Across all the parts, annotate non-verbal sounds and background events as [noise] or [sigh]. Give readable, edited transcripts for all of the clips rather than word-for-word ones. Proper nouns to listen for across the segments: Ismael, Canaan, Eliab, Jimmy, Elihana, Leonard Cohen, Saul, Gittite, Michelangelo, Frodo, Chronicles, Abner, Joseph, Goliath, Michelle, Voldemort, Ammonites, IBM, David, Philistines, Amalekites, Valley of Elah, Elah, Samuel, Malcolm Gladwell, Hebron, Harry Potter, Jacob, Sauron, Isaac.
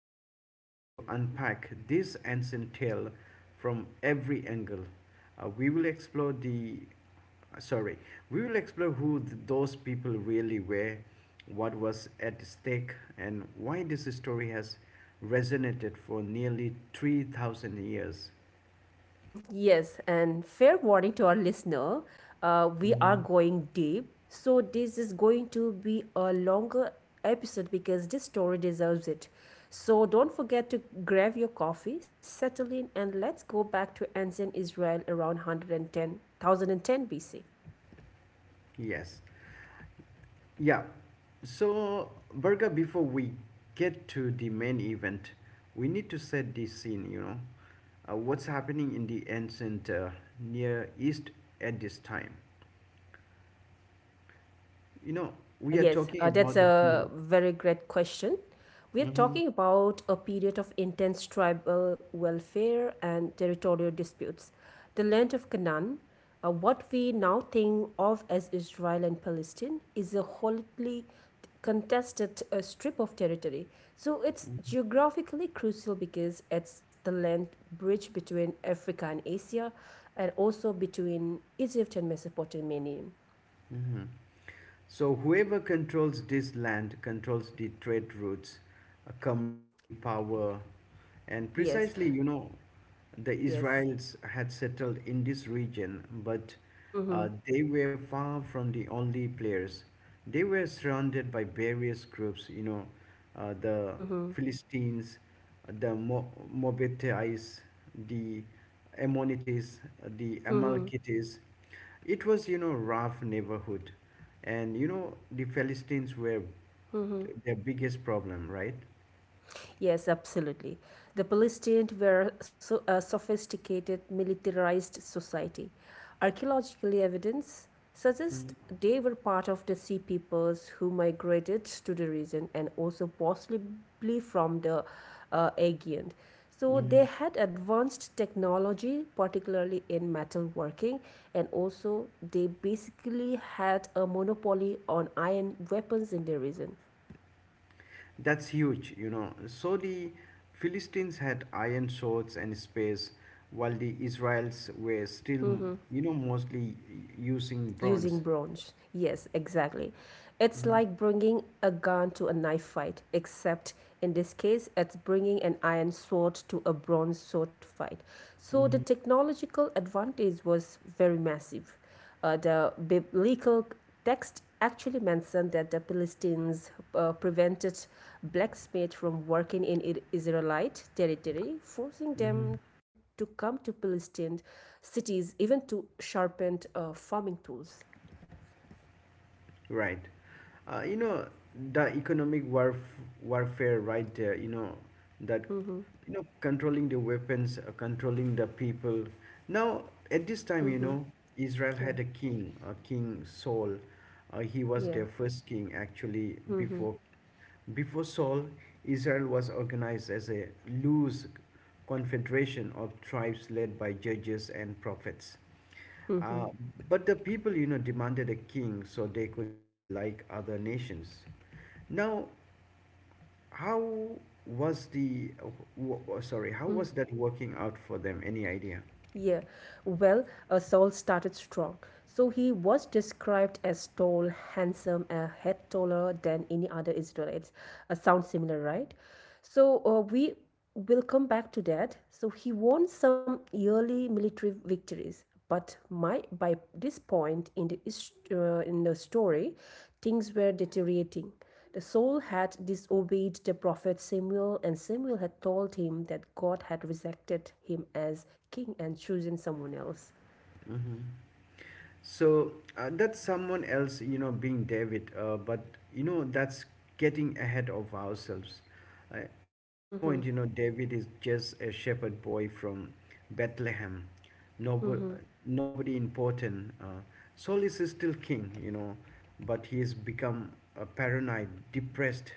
we are going to unpack this ancient tale from every angle. Uh, we will explore the uh, sorry, we will explore who those people really were, what was at stake, and why this story has resonated for nearly 3,000 years. Yes, and fair warning to our listener, we are Mhm. going deep. So, this is going to be a longer episode because this story deserves it. So, don't forget to grab your coffee, settle in, and let's go back to ancient Israel around 110, BC. Yes. Yeah. So, Berga, before we get to the main event, we need to set the scene, you know. What's happening in the ancient Near East at this time? You know, Uh, we are yes, talking uh, that's about the a period. very great question. We're Mm-hmm. talking about a period of intense tribal welfare and territorial disputes. The land of Canaan, what we now think of as Israel and Palestine, is a hotly contested strip of territory. So it's geographically crucial because it's the land bridge between Africa and Asia, and also between Egypt and Mesopotamia. Mm-hmm. So whoever controls this land controls the trade routes, commerce, the power. And Yes, precisely, you know, the yes. Israelites had settled in this region, but Mm-hmm. They were far from the only players. They were surrounded by various groups, you know, the Mhm, Philistines, the Moabites, the Ammonites, the mhm. Amalekites. It was, you know, rough neighborhood, and you know the Philistines were their biggest problem, right? Yes, absolutely. The Palestinians were so, a sophisticated, militarized society. Archaeological evidence suggests Mm. they were part of the sea peoples who migrated to the region, and also possibly from the Aegean. So they Mm. had advanced technology, particularly in metalworking, and also they basically had a monopoly on iron weapons in the region. That's huge, you know. So the Philistines had iron swords and spears, while the Israelites were still, you know, mostly using Using bronze. bronze. Yes, exactly. It's Mm. like bringing a gun to a knife fight, except in this case, it's bringing an iron sword to a bronze sword fight. So the Mm. technological advantage was very massive. The biblical text actually mentioned that the Philistines prevented blacksmiths from working in Israelite territory, forcing them Mm. to come to Philistine cities even to sharpen farming tools. Right. You know, the economic warfare right there, you know, that, Mm-hmm, you know, controlling the weapons, controlling the people. Now, at this time, you mm-hmm, know, Israel had yeah, a king Saul. He was their yeah. first king, actually. Mm-hmm, Before Saul, Israel was organized as a loose confederation of tribes led by judges and prophets. mm-hmm. Uh, but the people, you know, demanded a king so they could be like other nations. Now, how was the, uh, how Mm-hmm. was that working out for them? Any idea? Yeah, well, Saul started strong. So he was described as tall, handsome, a head taller than any other Israelites. Sounds similar, right? So we will come back to that. So he won some early military victories, but by this point in the story, things were deteriorating. The soul had disobeyed the prophet Samuel, and Samuel had told him that God had rejected him as king and chosen someone else. Mm-hmm. So that's someone else, you know, being David. But you know, that's getting ahead of ourselves. At this point, Mm-hmm, you know, David is just a shepherd boy from Bethlehem. Nobo- mm-hmm, Nobody important. Saul is still king, you know, but he has become a paranoid, depressed,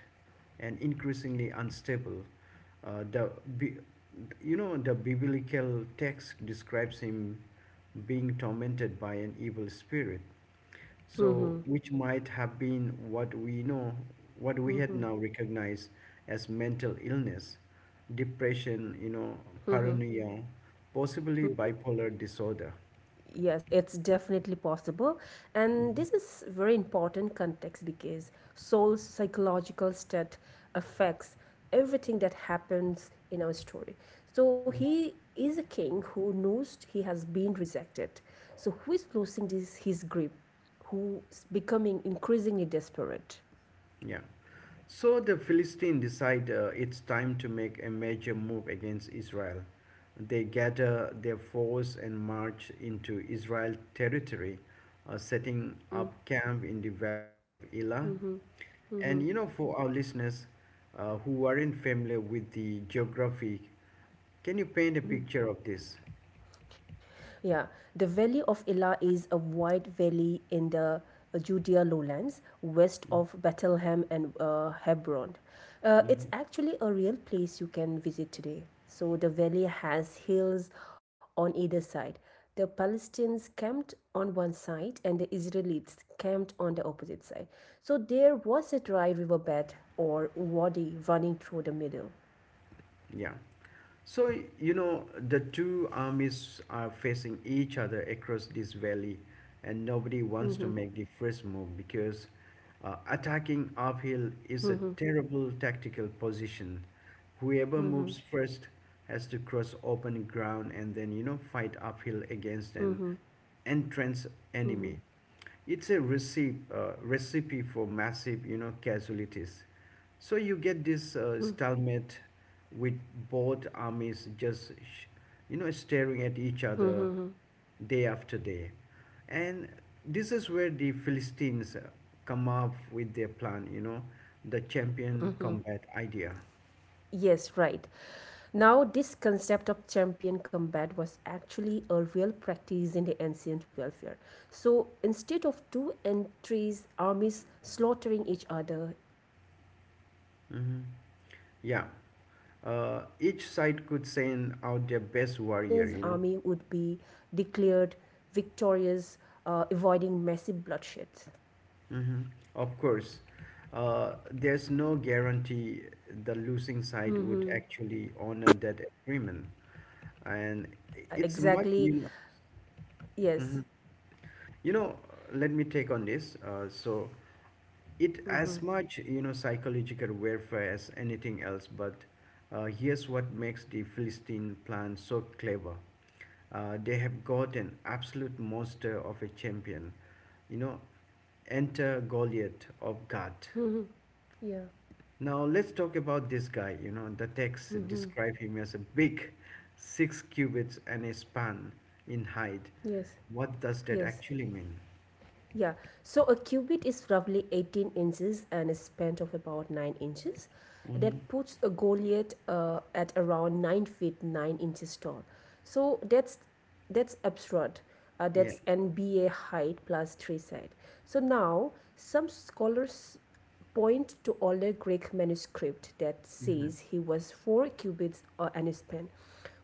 and increasingly unstable. Uh, the bi- you know the biblical text describes him being tormented by an evil spirit. So, mm-hmm, which might have been what we know, what we had mm-hmm, now recognized as mental illness, depression, you know, mm-hmm. paranoia, possibly bipolar disorder. Yes, it's definitely possible. And Mhm. this is very important context because soul's psychological state affects everything that happens in our story. So Mhm. he is a king who knows he has been rejected. So who is losing this his grip? Who's becoming increasingly desperate? Yeah. So the Philistines decide it's time to make a major move against Israel. They gather their force and march into Israel territory, setting up Mm-hmm. camp in the Valley of Elah. And you know, Mm-hmm. for our listeners who aren't familiar with the geography, can you paint a picture of this? Yeah, the Valley of Elah is a wide valley in the Judea lowlands west of Bethlehem and Hebron. It's actually a real place you can visit today. So the valley has hills on either side. The Palestinians camped on one side and the Israelites camped on the opposite side. So there was a dry riverbed or wadi running through the middle. Yeah. So, you know, the two armies are facing each other across this valley, and nobody wants to Mm-hmm, make the first move because attacking uphill is a mm-hmm, terrible tactical position. Whoever moves mm-hmm, first has to cross open ground and then, you know, fight uphill against mm-hmm, an entrenched mm-hmm, enemy. It's a recipe for massive, you know, casualties. So you get this mm-hmm, stalemate with both armies just, you know, staring at each other mm-hmm. day after day. And this is where the Philistines come up with their plan, you know, the champion combat idea. Yes, right. Now, this concept of champion combat was actually a real practice in the ancient warfare. So, instead of two entries, armies slaughtering each other, each side would send Hmm. out their best Yeah. warrior. So, the champion Each would side could fight, and send out their theoretically, the best warrior, winner's you know. army would be declared victorious, avoiding massive bloodshed. Mm-hmm. Of course, there's no guarantee the losing side would Mhm. actually honor that agreement, and Yeah, it's much exactly. you know. Yes. Mhm. You know, let me take on this. So, it as Hmm. much psychological warfare as anything else. But here's what makes the Philistine plan so clever. They have got an absolute monster of a champion. You know, enter Goliath of God. Hmm. Yeah. Now let's talk about this guy. You know, the texts Hmm. describe him as a big, 6 cubits and a span in height. Yes. What does that Yes. actually mean? Yeah. So a cubit is roughly 18 inches and a span of about 9 inches. Hmm. That puts a Goliath at around 9 feet 9 inches tall. So that's absurd. Yeah. That's NBA height plus three side. So now some scholars point to older Greek manuscript that Hmm. says he was 4 cubits and span,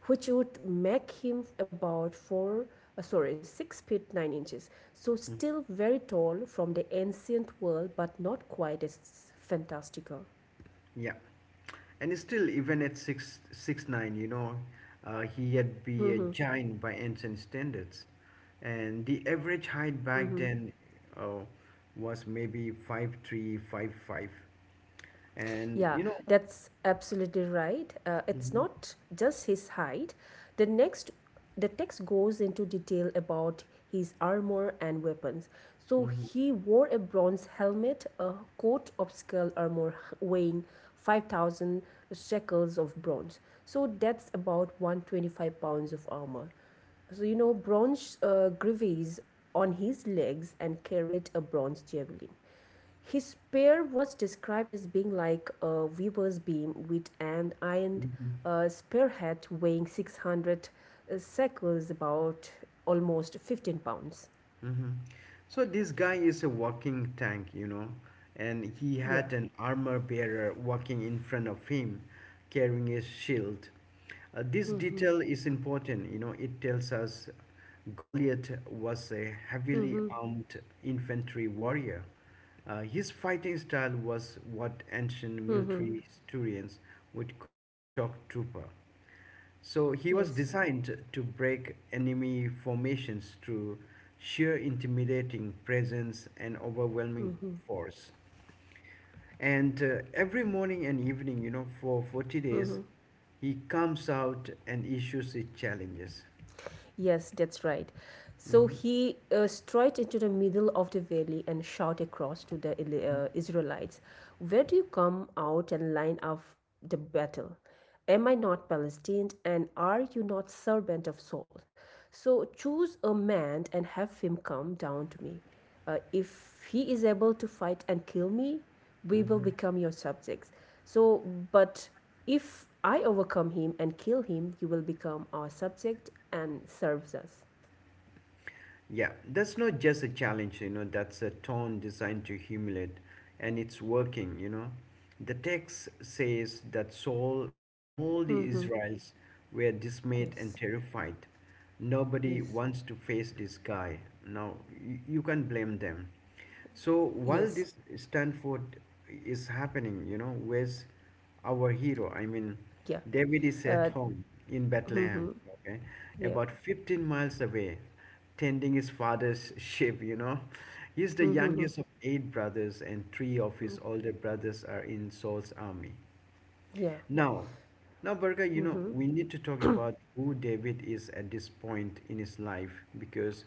which would make him about 4 uh, sorry 6 feet 9 inches. So Mm. still very tall from the ancient world but not quite as fantastical. Yeah, and still, even at six six nine, you know, he had be a Mm-hmm. giant by ancient standards, and the average height back Mm-hmm. then uh, was maybe 5'3", five five, and Yeah, you know. that's absolutely right. It's Hmm. not just his height. The next, the text goes into detail about his armor and weapons. So he wore a bronze helmet, a coat of skull armor weighing 5,000 shekels of bronze. So that's about 125 pounds of armor. So, bronze greaves on his legs and carried a bronze javelin. His pair was described as being like a weaver's beam with an iron Hmm. Spearhead weighing 600 shekels, about almost 15 pounds. Mm-hmm. So this guy is a walking tank, you know, and he Yeah. had an armor bearer walking in front of him, carrying a shield. This detail is important, you know. It tells us Goliath was a heavily Mm-hmm. armed infantry warrior. His fighting style was what ancient Mm-hmm. military historians would call a shock trooper. So he was Yes. designed to break enemy formations through sheer intimidating presence and overwhelming Mm-hmm. force. And every morning and evening, you know, for 40 days, Mm-hmm. he comes out and issues his challenges. Yes, that's right. So Hmm. he straight into the middle of the valley and shout across to the Israelites, "Where do you come out and line up the battle? Am I not Palestinian and are you not servant of Saul? So choose a man and have him come down to me. If he is able to fight and kill me, we will Hmm. become your subjects. So, but if I overcome him and kill him, you will become our subject and serves us." Yeah, that's not just a challenge, you know, that's a tone designed to humiliate, and it's working, you know. The text says that Saul and all the Hmm. Israelites were dismayed and Yes, terrified. Nobody yes, wants to face this guy. Now, you can blame them. So, while yes, this Stanford is happening, you know, where's our hero? I mean, yeah. David is at Uh, home in Bethlehem, hmm, okay, yeah, about 15 miles away tending his mm-hmm. father's ship, you know. He's the Mm-hmm. youngest of eight brothers, and three of Mm-hmm. his older brothers are in Saul's army. Yeah, Now, now, Berger, you know, we need to talk hmm. about who David is at this point in his life because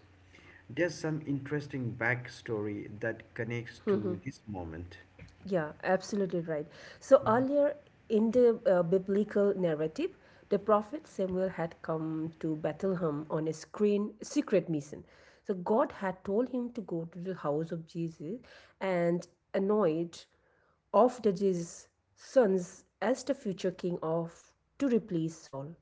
there's some interesting backstory that connects to [clears throat] this moment. Yeah, absolutely right. So earlier in the biblical narrative, the prophet Samuel had come to Bethlehem on a screen secret mission. So God had told him to go to the house of Jesus and anoint of the Jesus' sons as the future king of to replace Saul.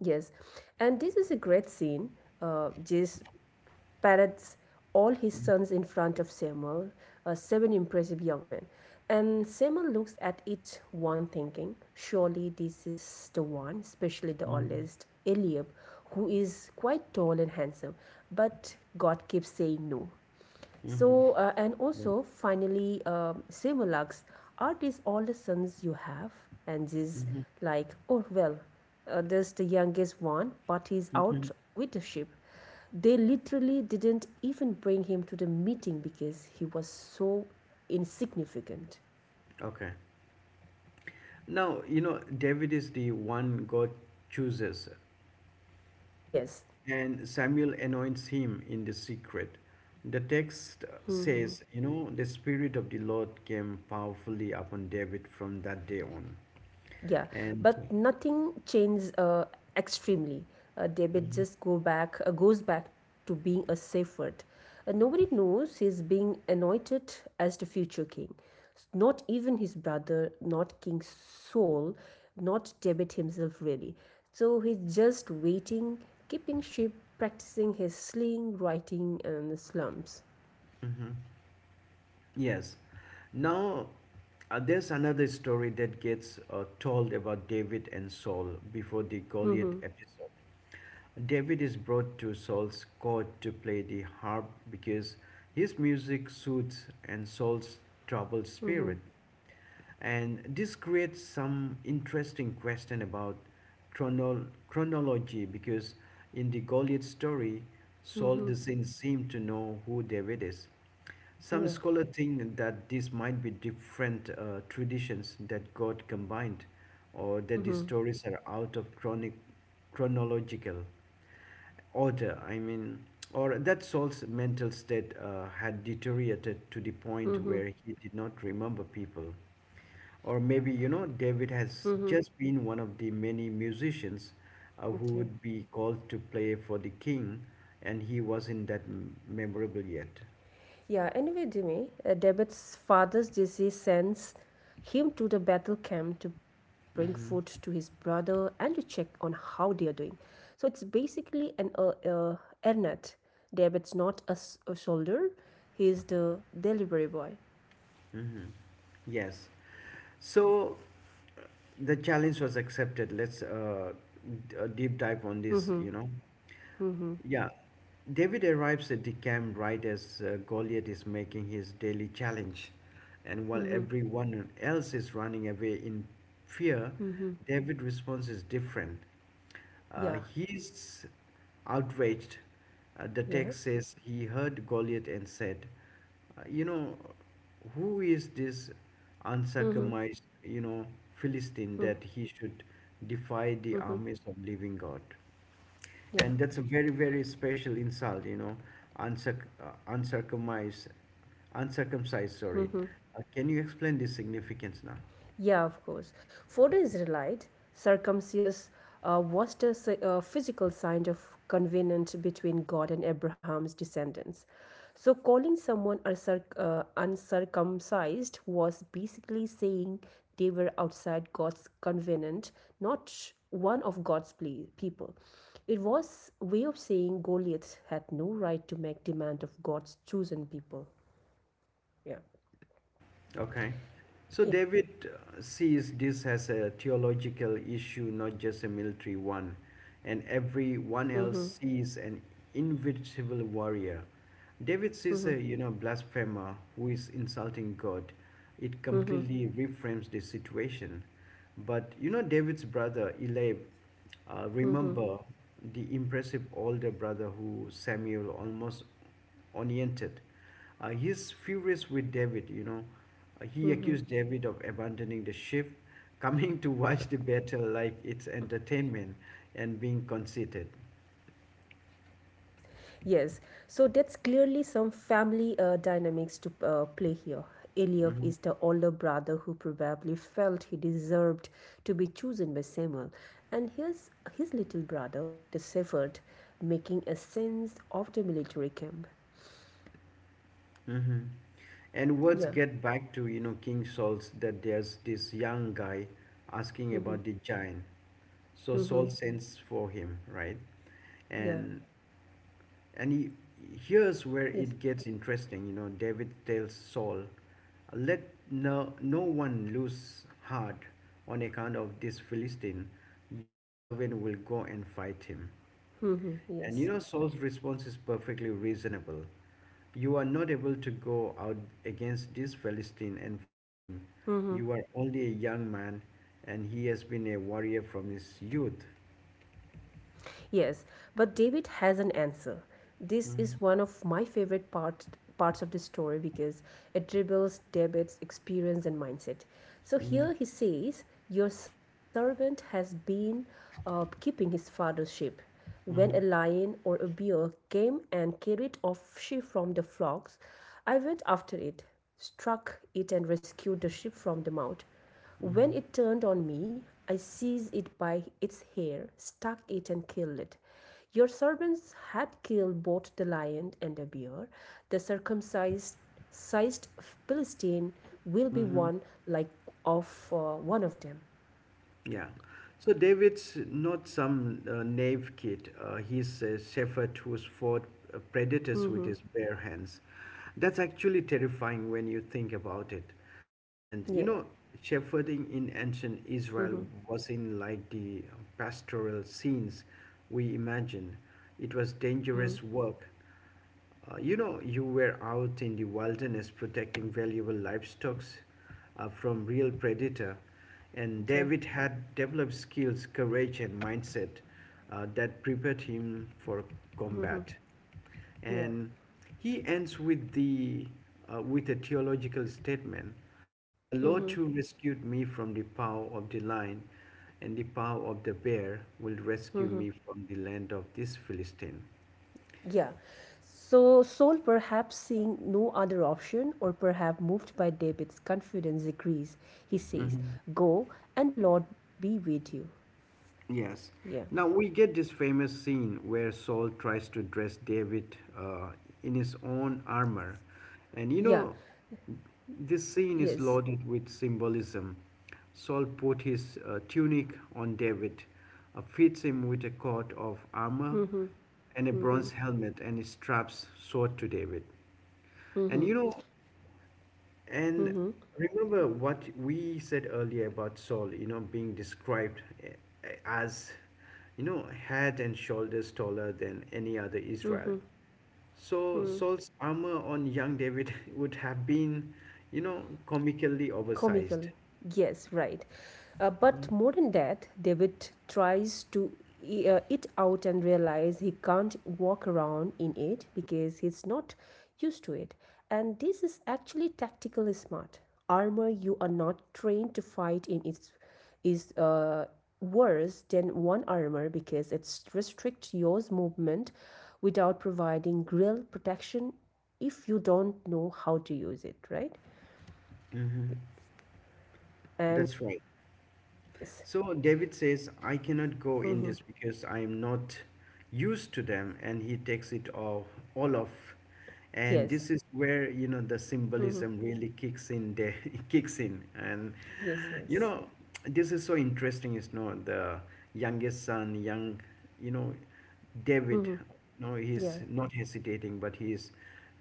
Yes, and this is a great scene. Jesus parades all his sons in front of Samuel, seven impressive young men. And Samuel looks at each one thinking, "Surely this is the one," especially the oldest, Mm-hmm. Eliab, who is quite tall and handsome. But God keeps saying no. So, and Mm-hmm. also finally, Simulaks, "art is all the sons you have," and is like, "Oh, well, there's the youngest one, but he's Mm-hmm. out with the ship." They literally didn't even bring him to the meeting because he was so insignificant. Okay. Now, you know, David is the one God chooses Yes, and Samuel anoints him in the secret. The text says, you know, the Spirit of the Lord came powerfully upon David from that day on. yeah, And but nothing changes extremely. David Okay. just go back goes back to being a safe word. Nobody knows he's being anointed as the future king. Not even his brother, not King Saul, not David himself really. So he's just waiting, keeping sheep, practicing his sling, writing, and the slums. Yes. Now, there's another story that gets told about David and Saul before the Goliath Mm-hmm. episode. David is brought to Saul's court to play the harp because his music suits and Saul's troubled Mm-hmm. spirit. And this creates some interesting question about chronology because in the Goliath story, Saul Mm-hmm. doesn't seem to know who David is. Some Yeah. scholars think that this might be different traditions that got combined, or that the Mm-hmm. stories are out of chronological order. I mean, or that Saul's mental state had deteriorated to the point Mm-hmm. where he did not remember people. Or maybe, you know, David has Mm-hmm. just been one of the many musicians who Okay. would be called to play for the king, and he wasn't that memorable yet. Yeah, anyway, Jimmy, Debit's father's disease sends him to the battle camp to bring food to his brother and to check on how they are doing. So it's basically an Ernest. Debit's not a, a soldier, he's the delivery boy. Yes. So uh, the challenge was accepted. Let's deep dive on this, Mm-hmm, you know. mm-hmm, Yeah. David arrives at the camp right as Goliath is making his daily challenge. And while mm-hmm, everyone else is running away in fear, mm-hmm. David's response is different. Yeah, He's outraged. The yeah, text says he heard Goliath and said, "You know, who is this mm-hmm, uncircumcised, you know, Philistine mm-hmm, that he should defy the mm-hmm. armies of living God?" Yeah. And that's a very, very special insult, you know, uncirc- uncircumcised, uncircumcised, sorry. Mm-hmm. Can you explain this significance now? Yeah, of course. For the Israelite, circumcision was the physical sign of covenant between God and Abraham's descendants. So, calling someone uncircumcised was basically saying they were outside God's covenant, not one of God's people. It was a way of saying Goliath had no right to make demand of God's chosen people. Yeah. Yeah. Okay. So David sees this as a theological issue, not just a military one. And everyone else sees an invincible warrior. David sees a, you know, blasphemer who is insulting God. It completely reframes the situation. But, you know, David's brother, Eliab, remember the impressive older brother who Samuel almost oriented. He's furious with David, you know. He accused David of abandoning the ship, [laughs] coming to watch the battle like it's entertainment and being conceited. Yes, yes. So that's clearly some family dynamics to play here. Eliab Hmm. is the older brother who probably felt he deserved to be chosen by Samuel, and here's his little brother, the severed, making a sense of the military camp. Hmm. And words Yeah. get back to, you know, King Saul's that there's this young guy asking Mm-hmm. about the giant. So Mm-hmm. Saul sends for him, right? Yeah. And And he, Here's where Yes. it gets interesting. You know, David tells Saul, "Let no one lose heart on account of this Philistine. Your servant will go and fight him." Mm-hmm. And you Yes. know, Saul's response is perfectly reasonable. "You are not able to go out against this Philistine and fight him. Mm-hmm. You are only a young man, and he has been a warrior from his youth." Yes, but David has an answer. This is one of my favorite parts of the story because it reveals David's experience and mindset. So Mm-hmm. here he says, "Your servant has been keeping his father's sheep. When a lion or a bear came and carried off sheep from the flocks, I went after it, struck it, and rescued the sheep from the mouth. When it turned on me, I seized it by its hair, stuck it, and killed it. Your servants had killed both the lion and the bear. The circumcised sized Philistine will be Mm-hmm. one like of one of them." Yeah. So David's not some knave kid. He's a shepherd who's fought predators with his bare hands. That's actually terrifying when you think about it. And you Yeah. know, shepherding in ancient Israel Mm-hmm. wasn't like the pastoral scenes we imagine. It was Mm-hmm. dangerous work. You know, you were out in the wilderness protecting valuable livestock from real predator, and Okay. David had developed skills, courage, and mindset that prepared him for Mm-hmm. combat. Yeah. And he ends with the with a theological statement: "The Lord Mm-hmm. who rescued me from the power of the lion and the power of the bear will rescue me from the land of this Philistine." Yeah. So Saul, perhaps seeing no other option, or perhaps moved by David's confidence, agrees. He says, Mhm. "Go, and the Lord be with you." Yes. Yeah. Now we get this famous scene where Saul tries to dress David in his own armor. And you Yeah. know, this scene is Yes. loaded with symbolism. Saul put his tunic on David, fits him with a coat of armor Mm-hmm. and a Mm-hmm. bronze helmet, and straps sword to David. And you Mm-hmm. know, and Mm-hmm. remember what we said earlier about Saul, you know, being described as, you know, head and shoulders taller than any other Israel. So Saul's armor on young David [laughs] would have been, you know, comically oversized. Comical. Yes, right. But more than that, David tries to it out and realize he can't walk around in it because he's not used to it. And this is actually tactically smart. Armor you are not trained to fight in its is worse than one armor because it restricts your movement without providing real protection if you don't know how to use it, right? Hmm. And That's right. yes. So David says, I cannot go Mhm. in this because I am not used to them, and he takes it off, all off. And Yes. this is where you know the Mhm. symbolism really kicks in. There [laughs] kicks in, and Yes, you yes. know this is so interesting. Is not the youngest son, young, you know, David. Mhm. No, Yeah. he's not hesitating, but he's,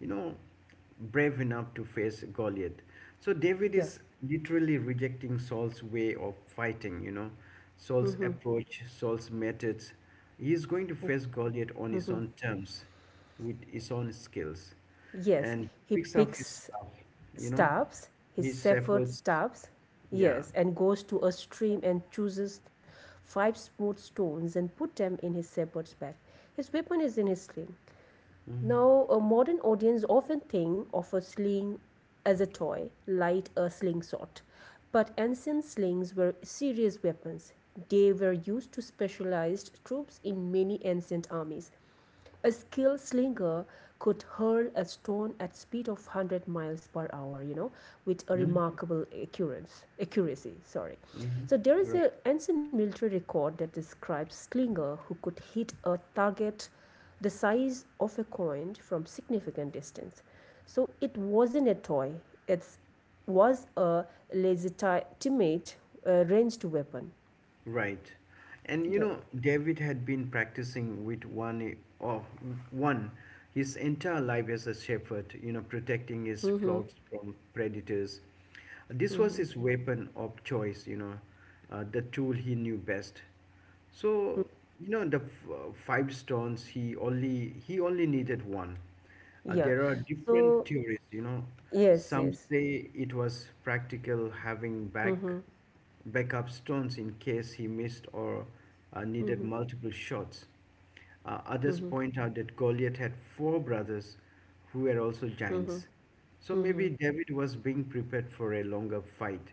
you know brave enough to face Goliath. So David Yeah. is literally rejecting Saul's way of fighting, you know, Saul's Mhm. approach, Saul's methods. He is going to Yes. face Goliath on his Mhm. own terms, with his own skills. Yes. And he He picks up his picks staff, you know, stops, his his shepherd efforts. stops. Yeah. Yes, and goes to a stream and chooses 5 smooth stones and put them in his shepherd's bag. His weapon is in his sling. Mm-hmm. Now, a modern audience often think of a sling as a toy, like a slingshot. But ancient slings were serious weapons. They were used to specialized troops in many ancient armies. A skilled slinger could hurl a stone at speed of 100 miles per hour, you know, with a Mm-hmm. remarkable accuracy, sorry. Mm-hmm. So there is Right. an ancient military record that describes slinger who could hit a target the size of a coin from significant distance. So it wasn't a toy. It was a legitimate ranged weapon. Right. And you Yeah. know, David had been practicing with one his entire life as a shepherd, you know, protecting his Mm-hmm. flocks from predators. This was Mm-hmm. his weapon of choice, you know, the tool he knew best. So, you know, five stones he only needed one. Yeah. There are different So theories, you know. yes, Some yes. say it was practical having back Mhm, backup stones in case he missed or needed mhm, multiple shots. Others mhm, point out that Goliath had four brothers who were also mhm, giants. So maybe mhm, David was being prepared for a longer fight,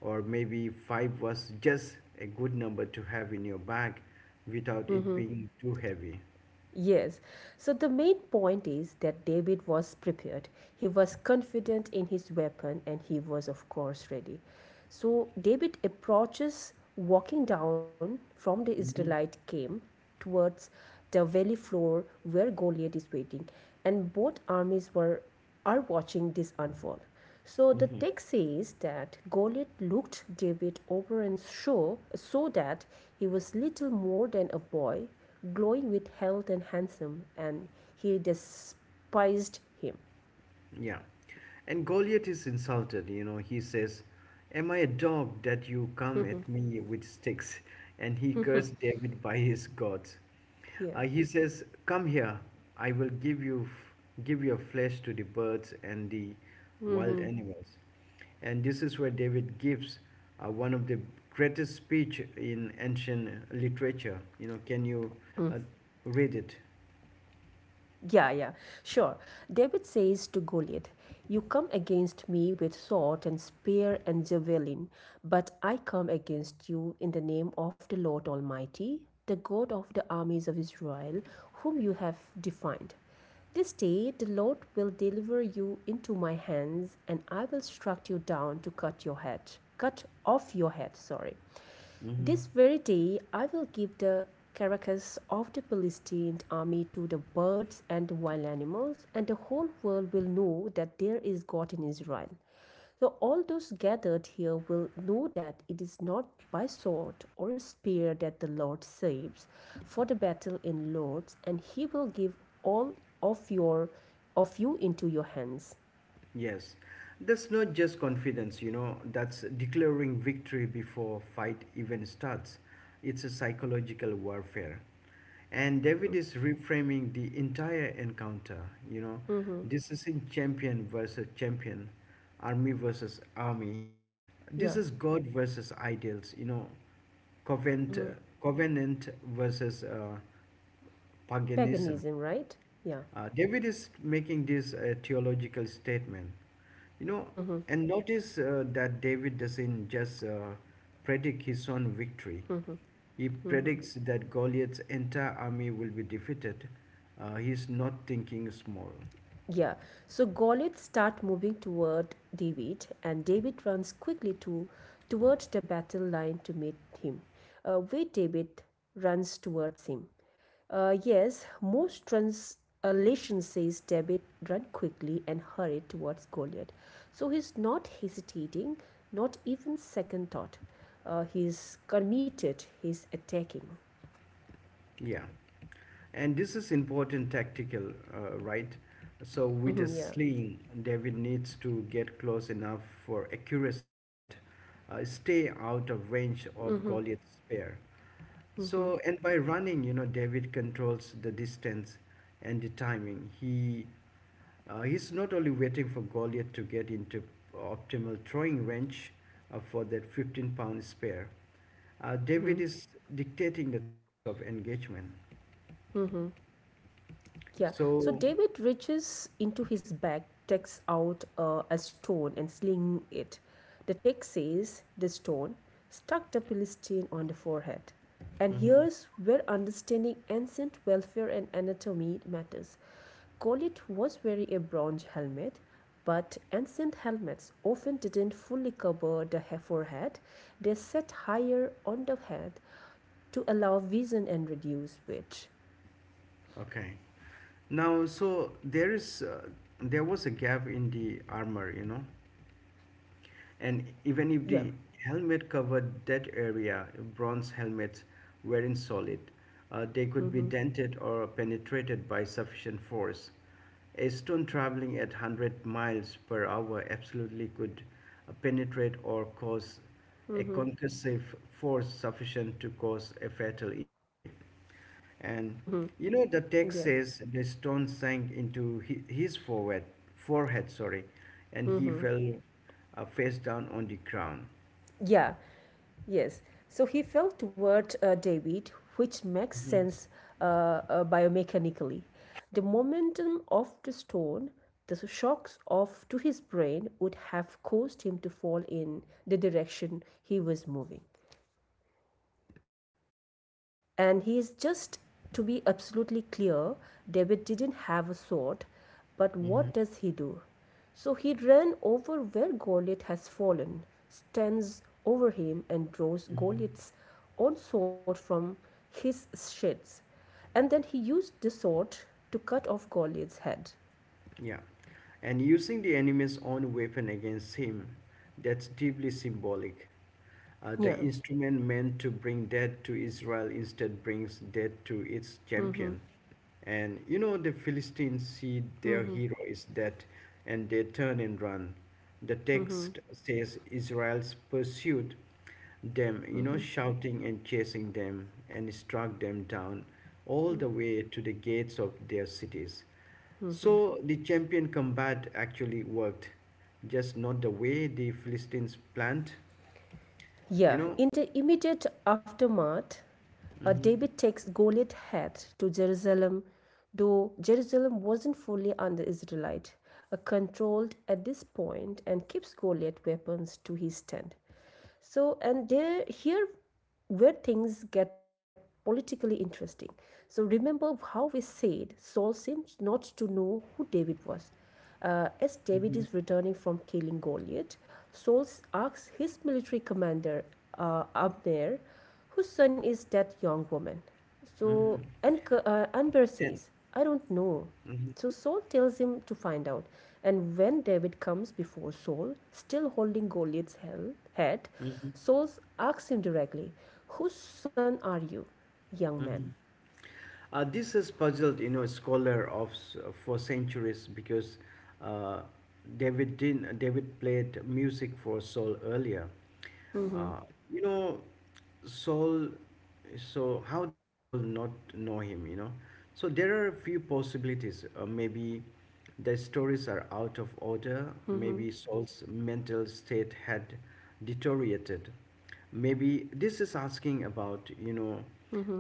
or maybe five was just a good number to have in your bag without it mhm. being too heavy. Yes. So the main point is that David was prepared. He was confident in his weapon and he was, of course, ready. So David approaches walking down from the Israelite Mhm. camp towards the valley floor where Goliath is waiting, and both armies were are watching this unfold. So the Mhm. text says that Goliath looked David over and saw that he was little more than a boy, glowing with health and handsome, and he despised him. Yeah. And Goliath is insulted, you know. He says, Am I a dog that you come at me with sticks? [laughs] And he cursed David by his gods. Here. He says, Come here, I will give your flesh to the birds and the wild Hmm. animals. And this is where David gives one of the greatest speech in ancient literature. You know, can you uh, read it? Yeah, yeah, sure. David says to Goliath, you come against me with sword and spear and javelin, but I come against you in the name of the Lord Almighty, the God of the armies of Israel, whom you have defined. This day the Lord will deliver you into my hands, and I will strike you down to cut off your head, sorry. Mm-hmm. This very day I will give the carcass of the Philistine army to the birds and the wild animals, and the whole world will know that there is God in Israel. So, all those gathered here will know that it is not by sword or spear that the Lord saves for the battle in Lord's, and he will give all of you into your hands. Yes, that's not just confidence, you know, that's declaring victory before fight even starts. It's a psychological warfare. And David Mm-hmm. is reframing the entire encounter, you know, Mm-hmm. this isn't champion versus champion, army versus army. This Yeah. is God versus ideals, you know, covenant, Mm-hmm. covenant versus paganism. Paganism, right? Yeah. David is making this theological statement, you know, Mm-hmm. and notice that David doesn't just predict his own victory. Mm-hmm. He Mm-hmm. predicts that Goliath's entire army will be defeated. He's not thinking small. Yeah, so Goliath start moving toward David, and David runs quickly to towards the battle line to meet him. Where David runs towards him. Yes, most translation says David run quickly and hurried towards Goliath. So he's not hesitating, not even second thought. He's committed. He's attacking. Yeah, and this is important tactical, right? So with a [laughs] Yeah. sling, David needs to get close enough for accuracy, but stay out of range of Hmm. Goliath's spear. So, and by running, you know, David controls the distance and the timing. He he's not only waiting for Goliath to get into optimal throwing range for that 15-pound spare. David is dictating the terms of engagement. Yeah. So So, David reaches into his bag, takes out a stone and sling it. The text says the stone struck the Philistine on the forehead. And mhm. here's where understanding ancient welfare and anatomy matters. Colette was wearing a bronze helmet, but ancient helmets often didn't fully cover the forehead. They sat higher on the head to allow vision and reduce weight. Okay. Now, so there is there was a gap in the armor, you know. And even if the Yeah. helmet covered that area, bronze helmets weren't solid, they could be Mm-hmm. dented or penetrated by sufficient force. A stone Mm-hmm. traveling at 100 miles per hour absolutely could penetrate or cause a Mm-hmm. concussive force sufficient to cause a fatal injury. And Mm-hmm. you know, the text Yeah. says the stone sank into his forehead, forehead, sorry, and he Mm-hmm. fell face down on the ground. Yeah. Yes. So he fell toward David, which makes sense biomechanically. The momentum of the stone, the shocks of to his brain would have caused him to fall in the direction he was moving. And he is just to be absolutely clear, David didn't have a sword, but Hmm. what does he do? So he ran over where Goliath has fallen, stands over him, and draws Goliath's own sword from his sheath. And then he used the sword to cut off Goliath's head. Yeah. And using the enemy's own weapon against him, that's deeply symbolic. Yeah. The instrument meant to bring death to Israel instead brings death to its champion. And you know, the Philistines see their hero is dead and they turn and run. The text says Israel's pursued them, you know, shouting and chasing them and struck them down all the way to the gates of their cities. So the champion combat actually worked, just not the way the Philistines planned, you Yeah, know. in the immediate aftermath, Hmm. David takes Goliath head to Jerusalem, though Jerusalem wasn't fully under Israelite, controlled at this point, and keeps Goliath weapons to his tent. So, and there here where things get politically interesting. So remember how we said Saul seems not to know who David was. As David Hmm. is returning from killing Goliath, Saul asks his military commander Abner, whose son is that young woman? So, Hmm. and Anbar And, says, I don't know. hmm. So Saul tells him to find out. And when David comes before Saul, still holding Goliath's head, Hmm. Saul asks him directly, whose son are you, young man? Hmm. This has puzzled, you know, scholar of for centuries because uh, David did David played music for Saul earlier. Uh, you know, Saul. So how does Saul not know him? You know, so there are a few possibilities. Maybe the stories are out of order. Hmm. Maybe Saul's mental state had deteriorated. Maybe this is asking about, you know,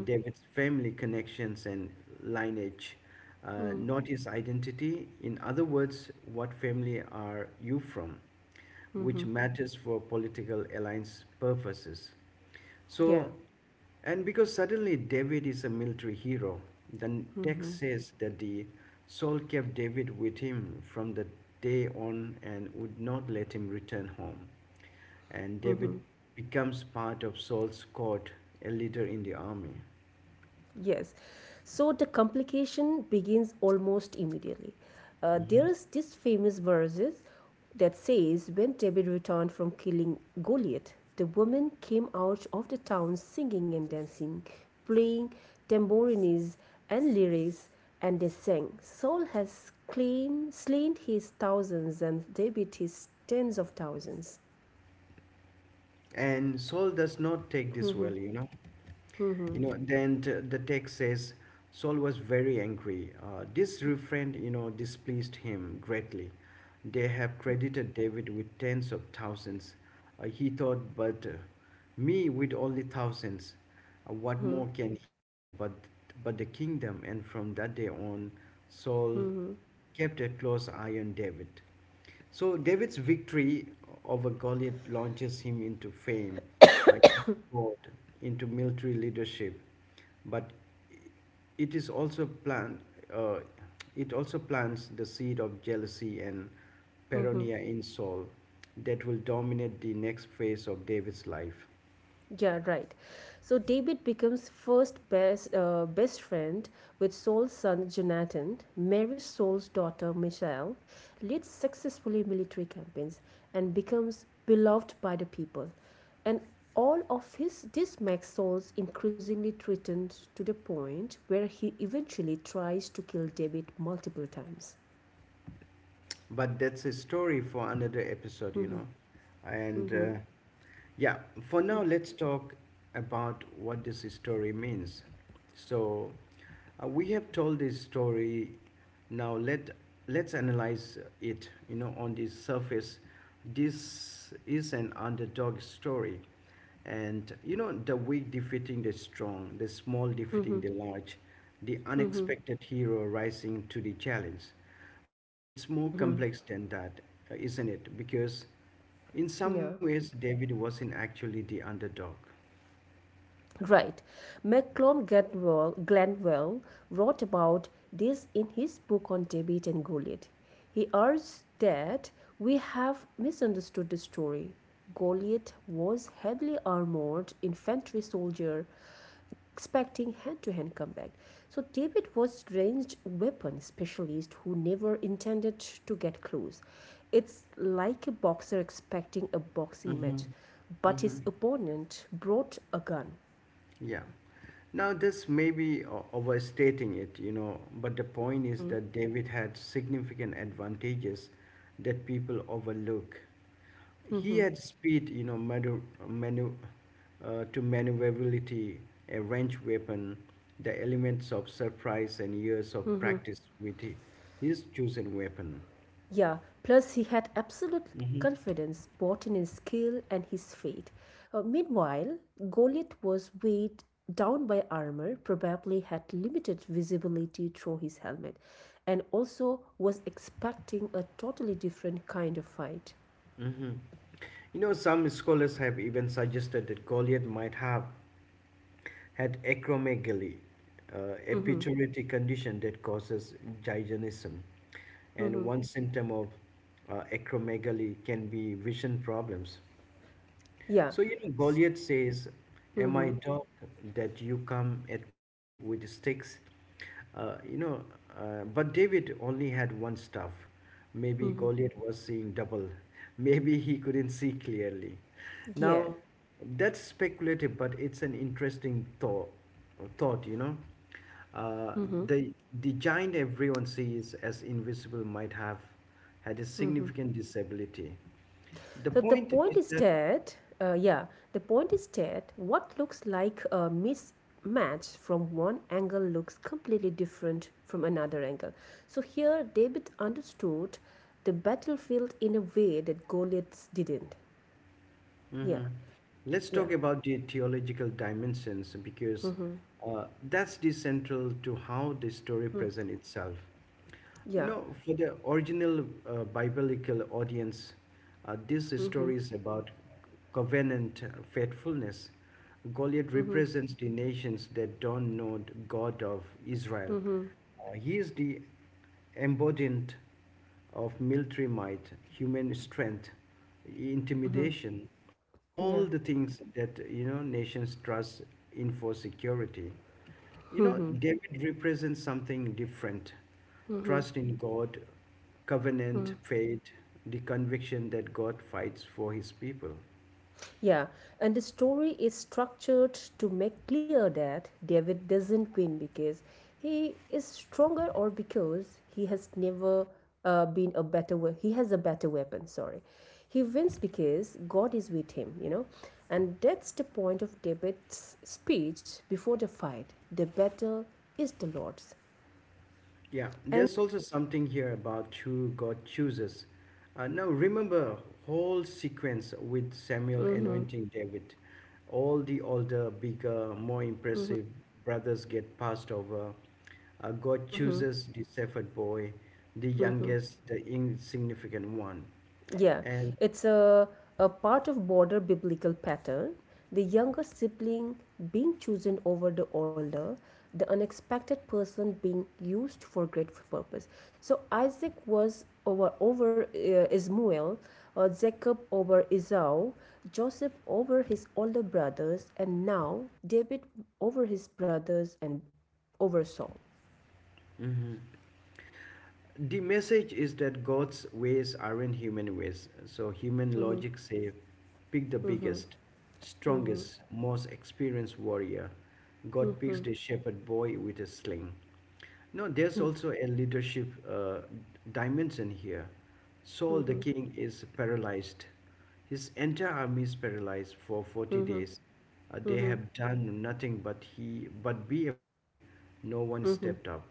David's family connections and lineage, not his identity. In other words, what family are you from, which matters for political alliance purposes. Yeah. So, and because suddenly David is a military hero, the text says that the Saul kept David with him from the day on and would not let him return home and David Mm-hmm. becomes part of Saul's court, a leader in the army. Yes. So the complication begins almost immediately. There Mhm. is this famous verses that says when David returned from killing Goliath, the women came out of the town singing and dancing, playing tambourines and lyres, and they sang, Saul has claimed, slain his thousands and David his tens of thousands. And Saul does not take this well, you know. You know then the text says Saul was very angry, this refrain you know displeased him greatly. They have credited David with tens of thousands, he thought, but me with only thousands. What more can he get but the kingdom? And from that day on Saul kept a close eye on David. So David's victory over Goliath launches him into fame, uh, sport, into military leadership, but it is also plant, uh, it also plants the seed of jealousy and paranoia in Saul that will dominate the next phase of David's life. Yeah, right. So David becomes first best best friend with Saul's son Jonathan, marries Saul's daughter Michelle, leads successfully military campaigns, and becomes beloved by the people. And all of his this makes Saul increasingly threatened to the point where he eventually tries to kill David multiple times. But that's a story for another episode, you know, and. Yeah, for now, let's talk about what this story means. So, we have told this story. Now, let's analyze it. You know, on the surface, this is an underdog story, and you know, the weak defeating the strong, the small defeating the large, the Mm-hmm. unexpected hero rising to the challenge. But it's more complex than that, isn't it? Because in some Yeah. ways, David wasn't actually the underdog. Right. Macklom Gladwell, Glanville wrote about this in his book on David and Goliath. He urged that we have misunderstood the story. Goliath was a heavily armored infantry soldier expecting hand-to-hand combat. So David was a ranged weapon specialist who never intended to get close. It's like a boxer expecting a boxing Mm-hmm. match, but Mm-hmm. his opponent brought a gun. Yeah. Now, this may be overstating it, you know, but the point is Mhm, that David had significant advantages that people overlook. He mhm. had speed, you know, manu- manu- to maneuverability, a wrench weapon, the elements of surprise, and years of practice with his chosen weapon. Yeah, plus he had absolute confidence both in his skill and his fate. Meanwhile, Goliath was weighed down by armor, probably had limited visibility through his helmet, and also was expecting a totally different kind of fight. Hmm. You know, some scholars have even suggested that Goliath might have had acromegaly, a Mhm, pituitary condition that causes gigantism. And mhm. one symptom of acromegaly can be vision problems. Yeah. So, you know, S- Goliath says, Am I mhm, dog that you come at me with sticks? Uh, you know, but David only had one staff. Maybe mhm. Goliath was seeing double. [laughs] Maybe he couldn't see clearly. Yeah. Now, that's speculative, but it's an interesting thought, you know. Uh, Mhm, the, the giant everyone sees as invisible might have had a mhm. significant disability. The So the point is that uh, yeah, point is that what looks like a mismatch from one angle looks completely different from another angle. So here David understood the battlefield in a way that Goliath didn't. hmm. Yeah, Let's yeah, talk about the theological dimensions because mm-hmm. That's the central to how the story presents itself. You Yeah, know, for the original biblical audience, this mm-hmm. story is about covenant faithfulness. Goliath Mm-hmm. represents the nations that don't know the God of Israel. Mm-hmm. He is the embodied of military might, human strength, Mm-hmm. intimidation, Yeah, all the things that you know nations trust in for security. You know, mm-hmm. David represents something different. Mm-hmm. Trust in God, Mm-hmm. covenant, faith, the conviction that God fights for his people. Yeah, and the story is structured to make clear that David doesn't win because he is stronger or because he has never been a better we- he has a better weapon, sorry. He wins because God is with him, you know. And that's the point of David's speech before the fight. The battle is the Lord's. Yeah, And there's also something here about who God chooses. Now remember whole sequence with Samuel mhm, anointing David. All the older, bigger, more impressive brothers get passed over. God mhm, chooses the shepherd boy, the mhm. youngest, the insignificant one, Yeah, and it's a part of broader biblical pattern. The younger sibling being chosen over the older, the unexpected person being used for great purpose. So Isaac was over Ismael, Jacob over Esau, Joseph over his older brothers, and now David over his brothers and over Saul. hmm the message is that God's ways aren't human ways. So human logic say, pick the biggest, Mm-hmm. strongest, most experienced warrior. God Mm-hmm. picks the shepherd boy with a sling. No, there's also a leadership dimension here. Saul the Mm-hmm. king is paralyzed. His entire army is paralyzed for 40 Mm-hmm. days. They Mm-hmm. have done nothing but be afraid, no one Mm-hmm. stepped up.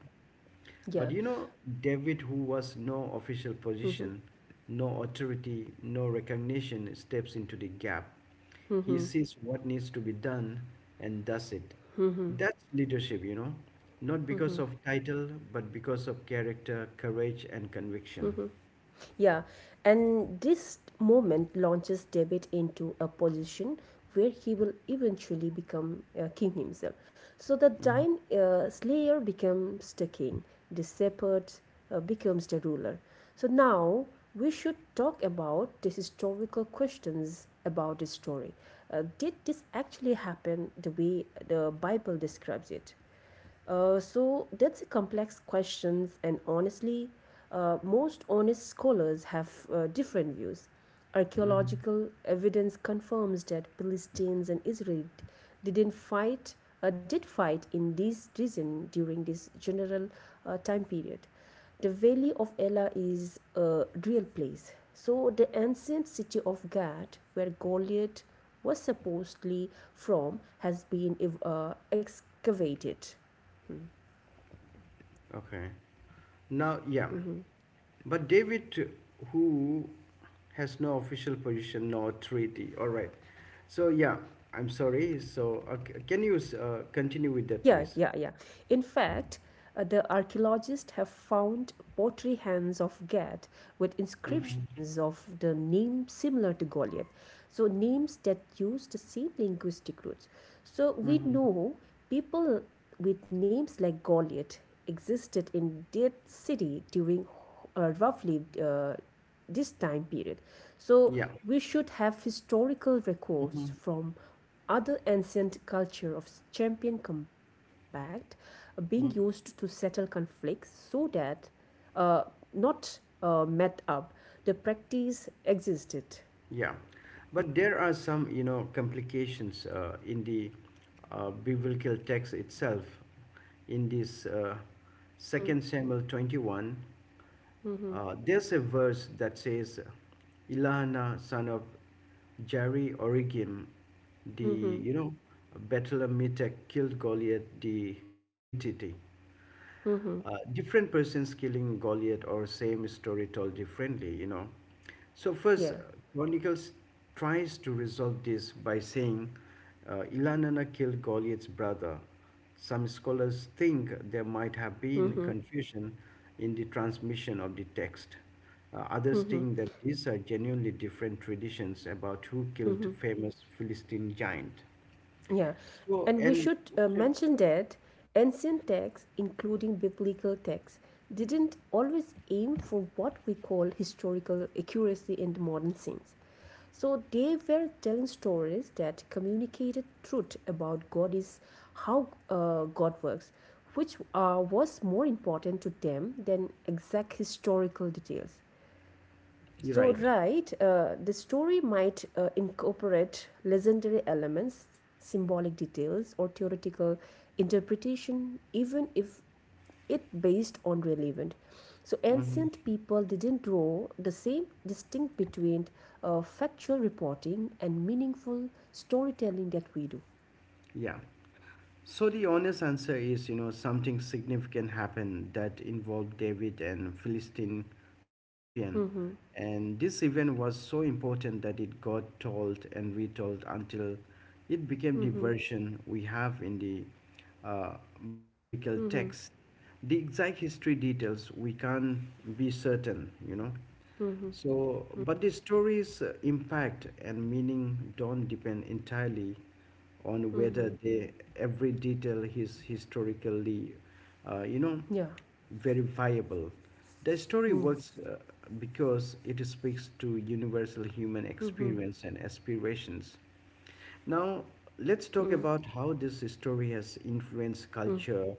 Yeah. But you know, David, who was no official position, no authority, no recognition, steps into the gap. He Mhm, sees what needs to be done and does it. mhm, That's leadership, you know, not because of title, but because of character, courage, and conviction. mhm. Yeah, and this moment launches David into a position where he will eventually become a king himself. So the Mhm. giant slayer becomes the king, the shepherd becomes the ruler. So now we should talk about the historical questions about this story. Did this actually happen the way the Bible describes it? So that's a complex question, and honestly, most honest scholars have different views. Mhm. Archaeological evidence confirms that Palestinians and Israel didn't fight, did fight in this region during this general time period. The Valley of Elah is a real place. So the ancient city of Gad, where Goliath was supposedly from, has been excavated. Okay. Now, yeah. But David, who has no official position, no treaty. All right. So yeah, I'm sorry. So can you continue with that, Yeah, please? yeah, yeah. In fact, the archaeologists have found pottery hands of Gad with Mm-hmm. inscriptions of the name similar to Goliath. So, names that use the same linguistic roots. So, we Mm-hmm. know people with names like Goliath existed in that city during roughly this time period. So, Yeah. we should have historical Mm-hmm. records from other ancient culture of champion combat being used to Mm. settle conflicts so that uh, not met up. The practice existed. Yeah. But there are some, you know, complications in the biblical text itself. In this Mm-hmm, Second Samuel 21. mm-hmm, There's a verse that says, Elihana, son of Jari Origim, the, mm-hmm, you know, Bethlehemite killed Goliath the Gittite. mm-hmm. Different persons killing Goliath or same story told differently, you know. So first, Yeah. Chronicles tries to resolve this by saying Elhanana killed Goliath's brother, some scholars think there might have been Mm-hmm. confusion in the transmission of the text. Others Mm-hmm. think that these are genuinely different traditions about who killed famous Philistine giant. Yeah, So, and we and should we should, mention that ancient texts, including biblical texts, didn't always aim for what we call historical accuracy in the modern sense. So they were telling stories that communicated truth about God is how God works, which was more important to them than exact historical details. you're So, right. right, the story might incorporate legendary elements, symbolic details, or theoretical interpretation, even if it based on relevant. So, Mhm. ancient people didn't draw the same distinct between factual reporting and meaningful storytelling that we do. Yeah. So the honest answer is, you know, something significant happened that involved David and Philistine champion. Mm-hmm. And this event was so important that it got told and retold until it became the Mm-hmm. version we have in the biblical Mm-hmm. text. The exact history details we can't be certain, you know. Mm-hmm. So, but the story's impact and meaning don't depend entirely on whether Mm-hmm. they, every detail is historically, you know, Yeah. verifiable. The story Yeah. works because it speaks to universal human Mm-hmm. experience and aspirations, now, let's talk Mm-hmm. about how this story has influenced Mm-hmm. culture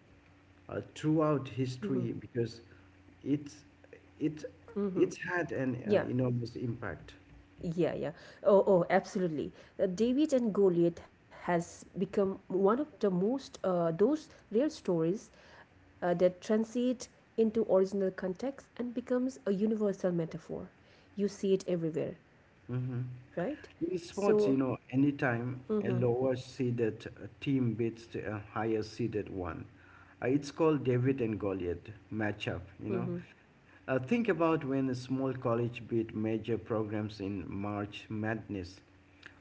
throughout Mm-hmm. history because it's, it, Mm-hmm. it's had an Yeah. enormous impact. Yeah, yeah. Oh, oh, absolutely. David and Goliath has become one of the most those rare stories that transit into original context and becomes a universal metaphor. You see it everywhere, Mhm. right? In sports, you know, So, anytime a mm-hmm, lower seeded team beats a higher seeded one, it's called David mm-hmm, and Goliath matchup, you know. mm-hmm, Think about when a small college beat major programs in March Madness,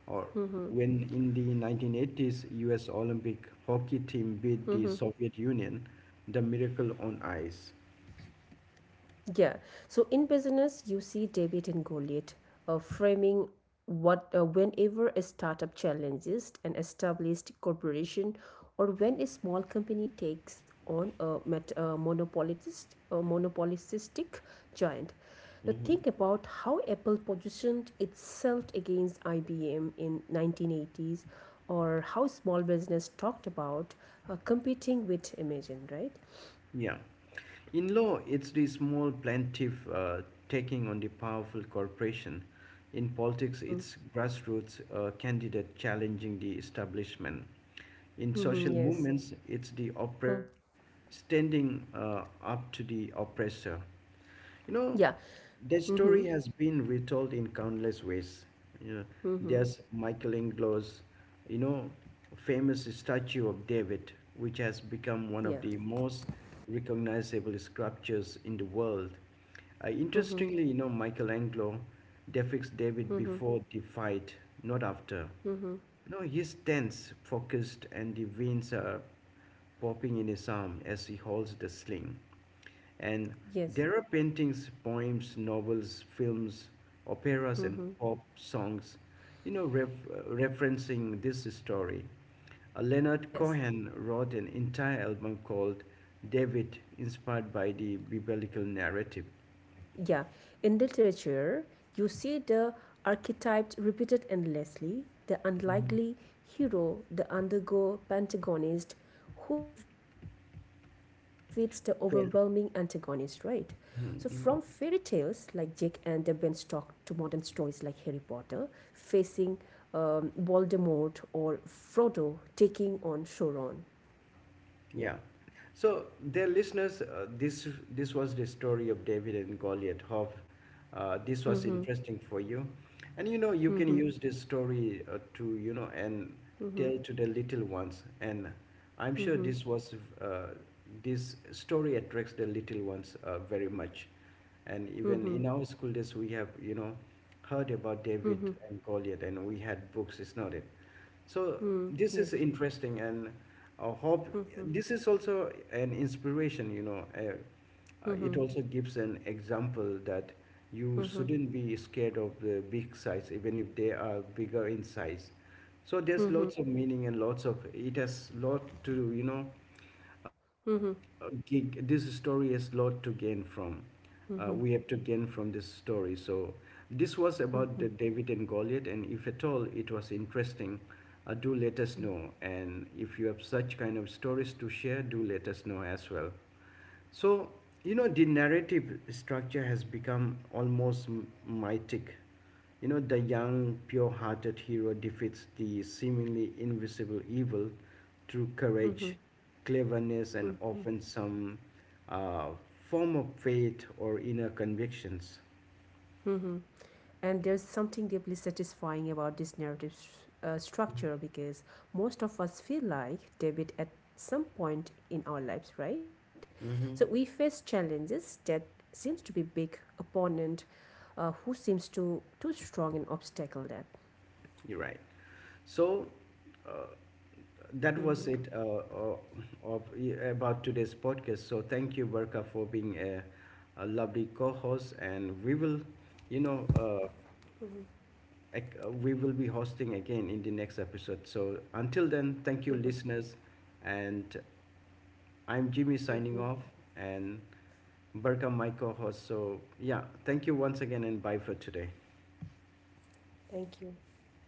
or mm-hmm. when in the 1980s US Olympic hockey team beat the Soviet Union, the miracle on ice. Yeah. So in business, you see David and Goliath framing what whenever a startup challenges an established corporation or when a small company takes on a monopolistic giant. So think about how Apple positioned itself against IBM in 1980s or how small business talked about competing with Imagine, right? Yeah. In law, it's the small plaintiff taking on the powerful corporation. In politics, Mm-hmm. it's grassroots candidate challenging the establishment. In social Mm-hmm. Yes. movements, it's the Hmm. oppressed standing up to the oppressor. You know, Yeah. that Mm-hmm. story has been retold in countless ways. You know, Mm-hmm. there's Michelangelo's, you know, famous statue of David, which has become Yeah. one of the most recognizable sculptures in the world. Mm-hmm. Interestingly, you know, Michelangelo depicts David Mm-hmm. before the fight, not after. Mm-hmm. No, he's tense, focused, and the veins are popping in his arm as he holds the sling. And Yes. there are paintings, poems, novels, films, operas, and Mm-hmm. pop songs, you know, referencing this story. Leonard Yes. Cohen wrote an entire album called David, inspired by the biblical narrative. Yeah. In literature, you see the archetypes repeated endlessly the unlikely hero, the undergo pentagonist who defeats the overwhelming antagonist, right? So, from fairy tales like Mhm. Jake and the Beanstalk to modern stories like Harry Potter facing Voldemort or Frodo taking on Sauron. Yeah. Yeah. So, dear listeners, this was the story of David and Goliath. Hope this was interesting for you, and you know you can Mhm. use this story to you know and Mhm. tell to the little ones. And I'm sure Mhm. this was uh, this story attracts the little ones very much. And even Mhm. in our school days, we have you know heard about David Mhm. and Goliath, and we had books. It's not it. So Mhm. this is Yes. interesting, and I hope this is also an inspiration. You know, it also gives an example that you Mhm. shouldn't be scared of the big size, even if they are bigger in size. So there's Mhm. lots of meaning and lots of it has lot to you know uh, uh, Mhm. This story has lot to gain from. Mhm. We have to gain from this story. So this was about Mhm. the David and Goliath, and if at all it was interesting, do let us know. And if you have such kind of stories to share, do let us know as well. So you know the narrative structure has become almost mythic. You know, the young, pure hearted hero defeats the seemingly invisible evil through courage, cleverness, and Mhm. often some uh, form of faith or inner convictions. Mhm. And there's something deeply satisfying about this narrative structure because most of us feel like David at some point in our lives, right? Hmm. So we face challenges that seems to be big opponent who seems to too strong an obstacle that. You're right. So, uh, that was it uh, Mhm. uh, of, about today's podcast. So, thank you, Berka, for being a lovely co host, and we will, you know, we will be hosting again in the next episode. So until then, thank you, listeners. And I'm Jimmy signing off, and Berkam, my co host. So, yeah, thank you once again, and bye for today. Thank you.